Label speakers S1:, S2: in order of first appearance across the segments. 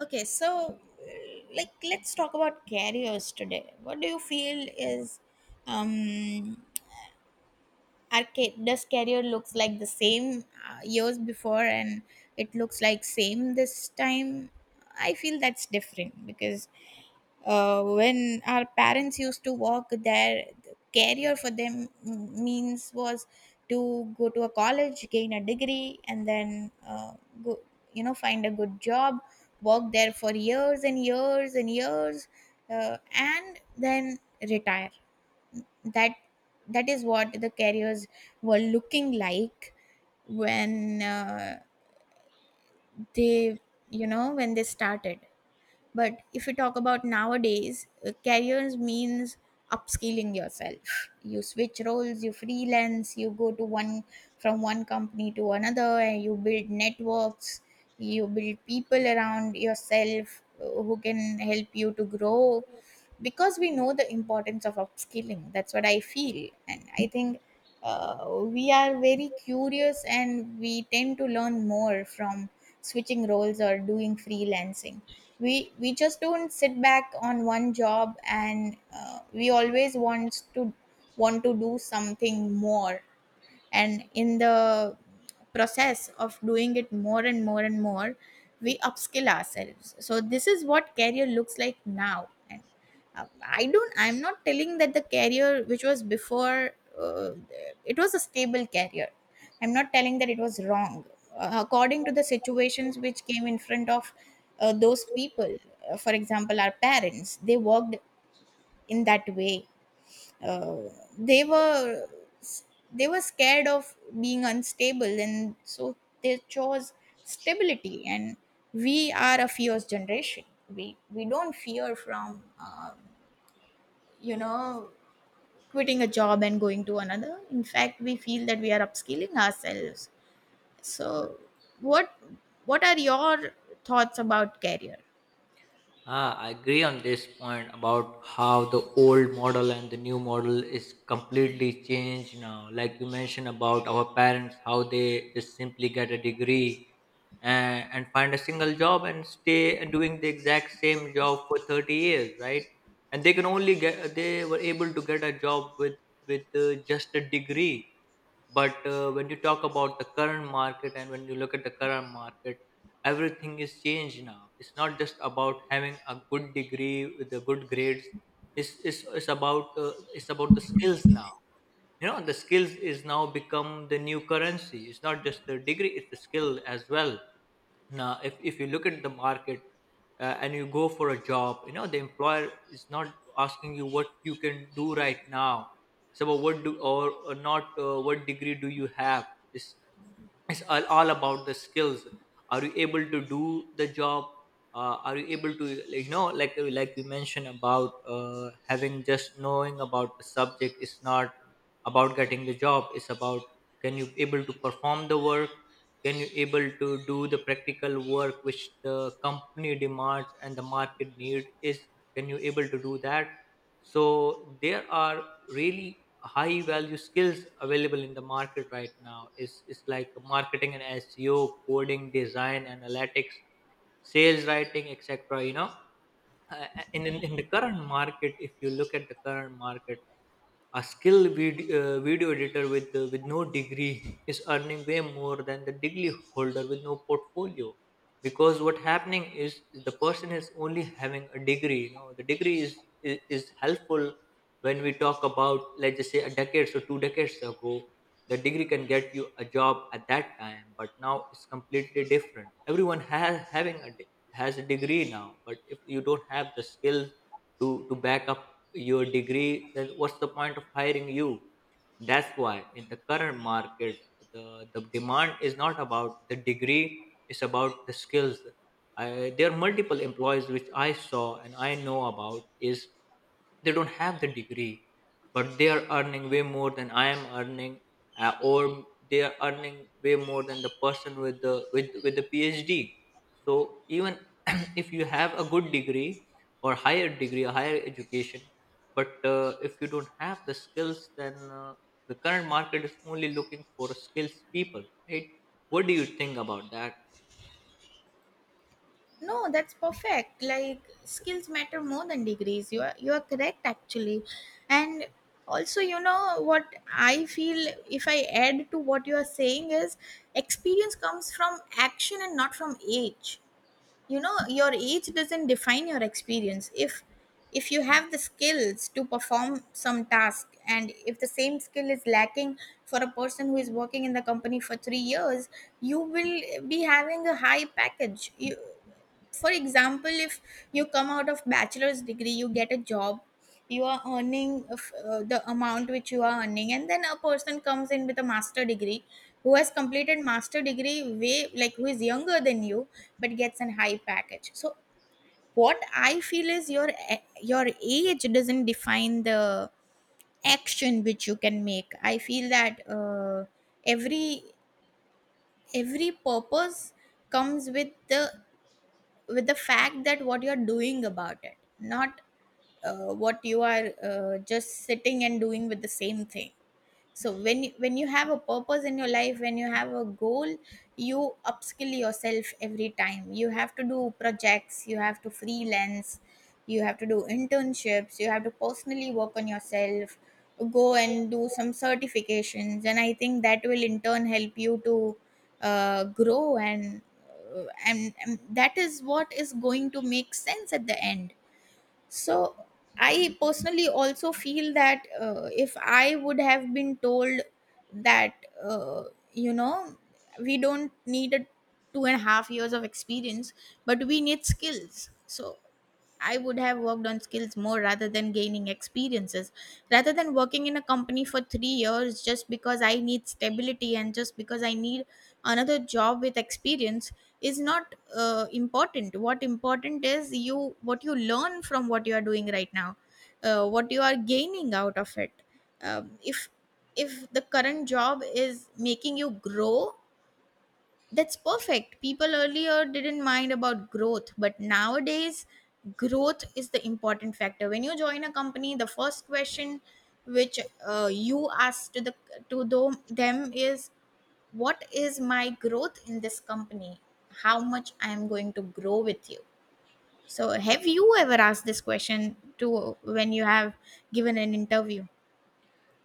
S1: Okay, so like let's talk about carriers today. What do you feel is um does carrier looks like the same years before and it looks like same this time? I feel that's different because when our parents used to work their career for them means was to go to a college gain a degree and then go, you know, find a good job, work there for years and years and years, and then retire. That that is what the careers were looking like when they, you know, when they started. But if you talk about nowadays, careers means upskilling yourself. You switch roles, you freelance, you go to one, from one company to another, and you build networks, you build people around yourself who can help you to grow because we know the importance of upskilling. That's what I feel. And I think we are very curious and we tend to learn more from switching roles or doing freelancing. We just don't sit back on one job and we always want to do something more, and in the process of doing it more and more and more, we upskill ourselves. So this is what career looks like now. And I don't. I'm not telling that the career which was before, uh, it was a stable career. I'm not telling that it was wrong. According to the situations which came in front of those people, for example, our parents, they worked in that way. Uh, they were they were scared of being unstable, and so they chose stability. And we are a fierce generation. We don't fear from. You know, quitting a job and going to another. In fact, we feel that we are upskilling ourselves. So, what what are your thoughts about career?
S2: I agree on this point about how the old model and the new model is completely changed now. Like you mentioned about our parents, how they just simply get a degree and find a single job and stay and doing the exact same job for 30 years, right? And they can only get, they were able to get a job with just a degree. But when you talk about the current market and when you look at the current market, everything is changed now. It's not just about having a good degree with the good grades. It's about it's about the skills now, you know, the skills is now become the new currency. It's not just the degree, it's the skill as well. Now if you look at the market, and you go for a job, you know, the employer is not asking you what you can do right now. It's about what do or not, what degree do you have. it's, it's all about the skills. Are you able to do the job? Are you able to, like you mentioned about, having just knowing about the subject is not about getting the job. It's about, can you able to perform the work? Can you able to do the practical work which the company demands and the market need is, can you able to do that? So there are really high value skills available in the market right now. It's like marketing and seo, coding, design, analytics, sales, writing, etc., you know. Uh, in the current market, if you look at the current market, a skilled video editor with no degree is earning way more than the degree holder with no portfolio. Because what happening is the person is only having a degree. You know, the degree is is helpful when we talk about, let's just say, a decade or two decades ago. The degree can get you a job at that time, but now it's completely different. Everyone has having a has a degree now. But if you don't have the skills to back up your degree, then what's the point of hiring you? That's why in the current market, the the demand is not about the degree, it's about the skills. There are multiple employees which I saw and I know about is, they don't have the degree but they are earning way more than I am earning. Or they are earning way more than the person with the with the phd. So even if you have a good degree or higher degree, a higher education, but if you don't have the skills, then the current market is only looking for skills people, right? What do you think about that?
S1: No, that's perfect. Like, skills matter more than degrees. You are correct actually. And also, you know what, I feel if I add to what you are saying is experience comes from action and not from age. You know, your age doesn't define your experience. If you have the skills to perform some task, and if the same skill is lacking for a person who is working in the company for 3 years, you will be having a high package. You For example, if you come out of bachelor's degree, you get a job, you are earning of, the amount which you are earning, and then a person comes in with a master degree, who has completed master degree way, like who is younger than you, but gets an high package. So what I feel is your your age doesn't define the action which you can make. I feel that every every purpose comes with the, with the fact that what you're doing about it, not what you are just sitting and doing with the same thing. So when you have a purpose in your life, when you have a goal, you upskill yourself every time. You have to do projects, you have to freelance, you have to do internships, you have to personally work on yourself, go and do some certifications, and I think that will in turn help you to grow, and and that is what is going to make sense at the end. So, I personally also feel that if I would have been told that, uh, you know, we don't need a 2.5 years of experience, but we need skills. So I would have worked on skills more rather than gaining experiences. Rather than working in a company for 3 years just because I need stability and just because I need another job with experience, is not important. What important is you, what you learn from what you are doing right now, what you are gaining out of it. um, if if the current job is making you grow, that's perfect. People earlier didn't mind about growth, but nowadays, growth is the important factor. When you join a company, the first question which you ask to the, them is, "What is my growth in this company? How much I am going to grow with you?" So, have you ever asked this question to when you have given an interview?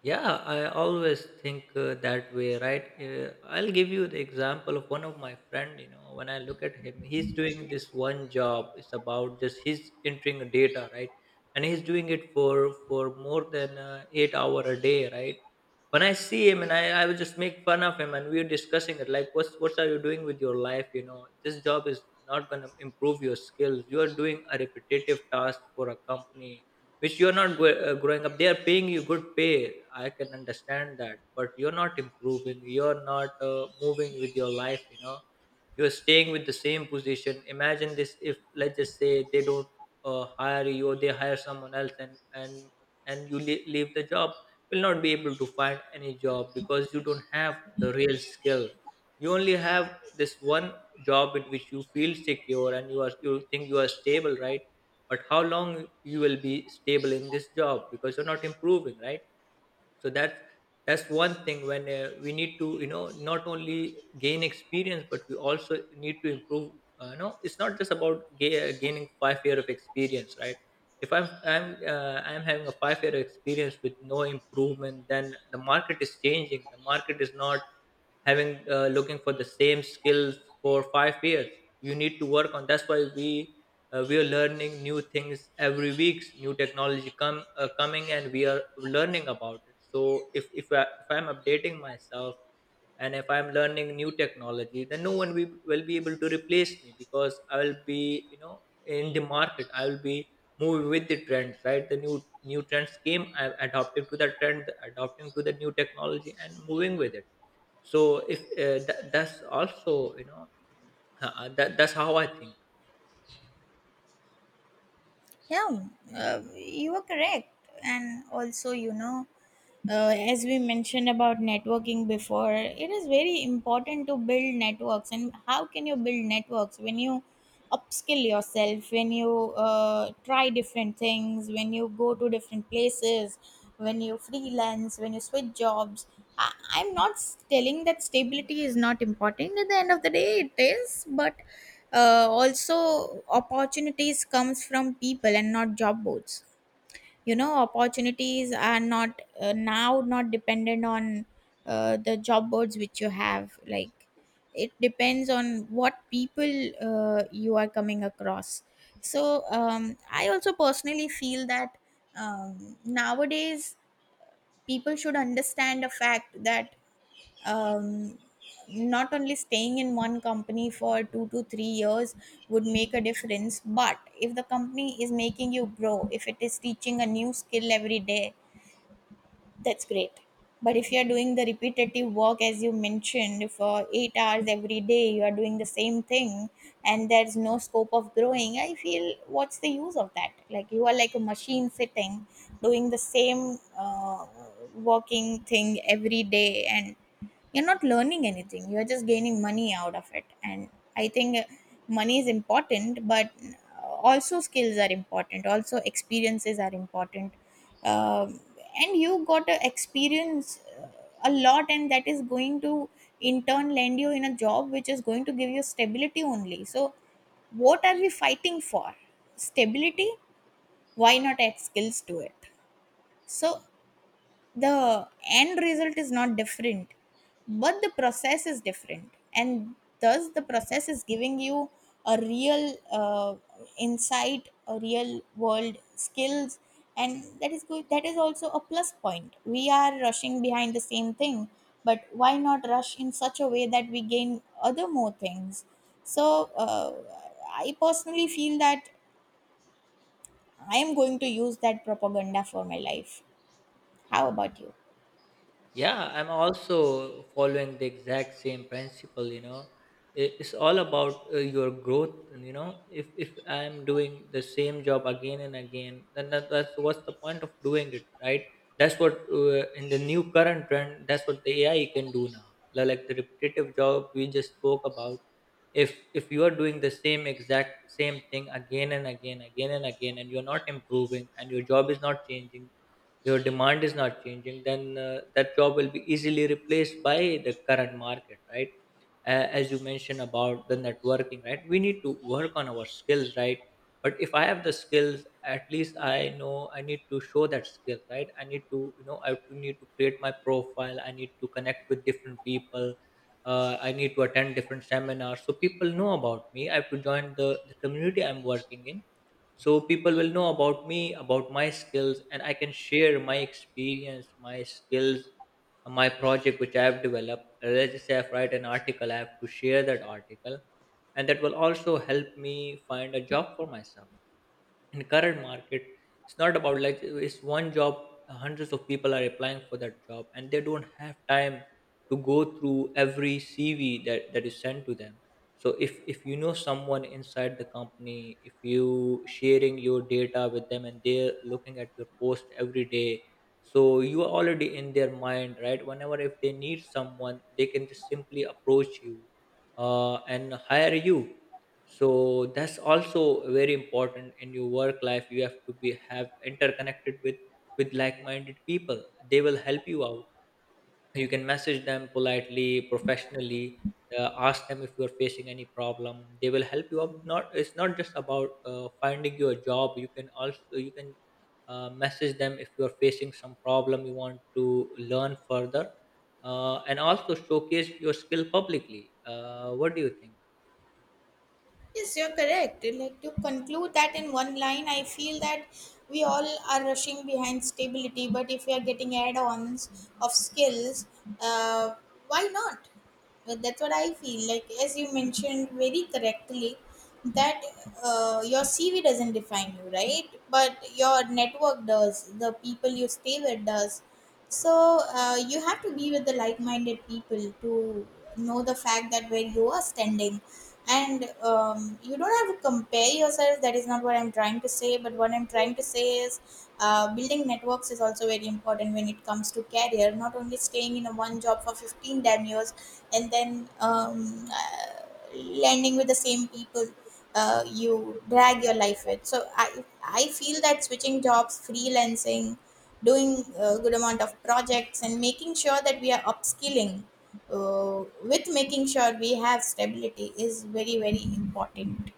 S2: Yeah, I always think that way, right? I'll give you the example of one of my friend, you know, when I look at him, he's doing this one job. It's about just he's entering data, right? And he's doing it for more than 8 hour a day, right? When I see him, and I will just make fun of him and we are discussing it like what are you doing with your life, you know? This job is not going to improve your skills. You are doing a repetitive task for a company which you're not growing up. They are paying you good pay, I can understand that, but you're not improving. You're not moving with your life, you know. You're staying with the same position. Imagine this, if let's just say they don't hire you, or they hire someone else, and you leave the job, will not be able to find any job because you don't have the real skill. You only have this one job in which you feel secure and you are, you think you are stable, right? But how long you will be stable in this job, because you're not improving, right? So that's one thing. When we need to, you know, not only gain experience but we also need to improve. You know, it's not just about gaining 5 years of experience, right? If i'm having a 5 year experience with no improvement, then the market is changing. The market is not having, looking for the same skills for 5 years. You need to work on. That's why we, we are learning new things every week. New technology come, coming, and we are learning about it. So if I'm updating myself, and if I'm learning new technology, then no one will be able to replace me, because I will be, you know, in the market, I will be moving with the trends, right? The new trends came, I'm adopting to the trend, adopting to the new technology and moving with it. So if that's also, you know, that's how I think.
S1: Yeah, you are correct. And also, you know, as we mentioned about networking before, it is very important to build networks. And how can you build networks when you upskill yourself, when you try different things, when you go to different places, when you freelance, when you switch jobs? I- I'm not s- telling that stability is not important. At the end of the day, it is, but also opportunities comes from people and not job boards. You know, opportunities are not now not dependent on the job boards which you have. Like, it depends on what people you are coming across. So I also personally feel that nowadays people should understand the fact that um, not only staying in one company for 2 to 3 years would make a difference, but if the company is making you grow, if it is teaching a new skill every day, that's great. But if you're doing the repetitive work, as you mentioned, for 8 hours every day, you are doing the same thing and there's no scope of growing, I feel what's the use of that? Like, you are like a machine sitting doing the same working thing every day and you're not learning anything, you're just gaining money out of it. And I think money is important, but also skills are important, also experiences are important. Um, and you got to experience a lot, and that is going to in turn land you in a job which is going to give you stability only. So, what are we fighting for? Stability? Why not add skills to it? So the end result is not different, but the process is different, and thus the process is giving you a real insight, a real world skills, and that is good, that is also a plus point. We are rushing behind the same thing, but why not rush in such a way that we gain other more things? So I personally feel that I am going to use that propaganda for my life. How about you?
S2: Yeah, I'm also following the exact same principle, you know. It's all about your growth, and, you know. If I'm doing the same job again and again, then that, that's what's the point of doing it, right? That's what in the new current trend, that's what the AI can do now. Like the repetitive job we just spoke about. If you are doing the same exact same thing again and again, and you're not improving, and your job is not changing, your demand is not changing, then that job will be easily replaced by the current market, right? As you mentioned about the networking, right, we need to work on our skills, right? But if I have the skills, at least I know I need to show that skill, right? I need to, you know, I need to create my profile, I need to connect with different people. I need to attend different seminars, so people know about me. I have to join the community I'm working in, so people will know about me, about my skills, and I can share my experience, my skills, my project which I have developed. Let's just say I write an article, I have to share that article, and that will also help me find a job for myself. In current market, it's not about, like, it's one job, hundreds of people are applying for that job and they don't have time to go through every cv that is sent to them. So if you know someone inside the company, if you sharing your data with them and they're looking at your post every day, so you are already in their mind, right? Whenever if they need someone, they can just simply approach you, and hire you. So that's also very important in your work life. You have to be, have interconnected with like-minded people. They will help you out. You can message them politely, professionally, ask them. If you are facing any problem, they will help you out. Not it's not just about, finding you a job. You can also, you can message them if you are facing some problem, you want to learn further, and also showcase your skill publicly. What do you think?
S1: Yes, you're correct. Like, to conclude that in one line, I feel that we all are rushing behind stability, but if we are getting add ons of skills, uh, why not? Well, that's what I feel. Like, as you mentioned very correctly, that your CV doesn't define you, right? But your network does, the people you stay with does. So you have to be with the like-minded people to know the fact that where you are standing, and you don't have to compare yourself. That is not what I'm trying to say. But what I'm trying to say is, building networks is also very important when it comes to career. Not only staying in a one job for 15 damn years and then landing with the same people. You drag your life with. So I feel that switching jobs, freelancing, doing a good amount of projects and making sure that we are upskilling with making sure we have stability is very very important.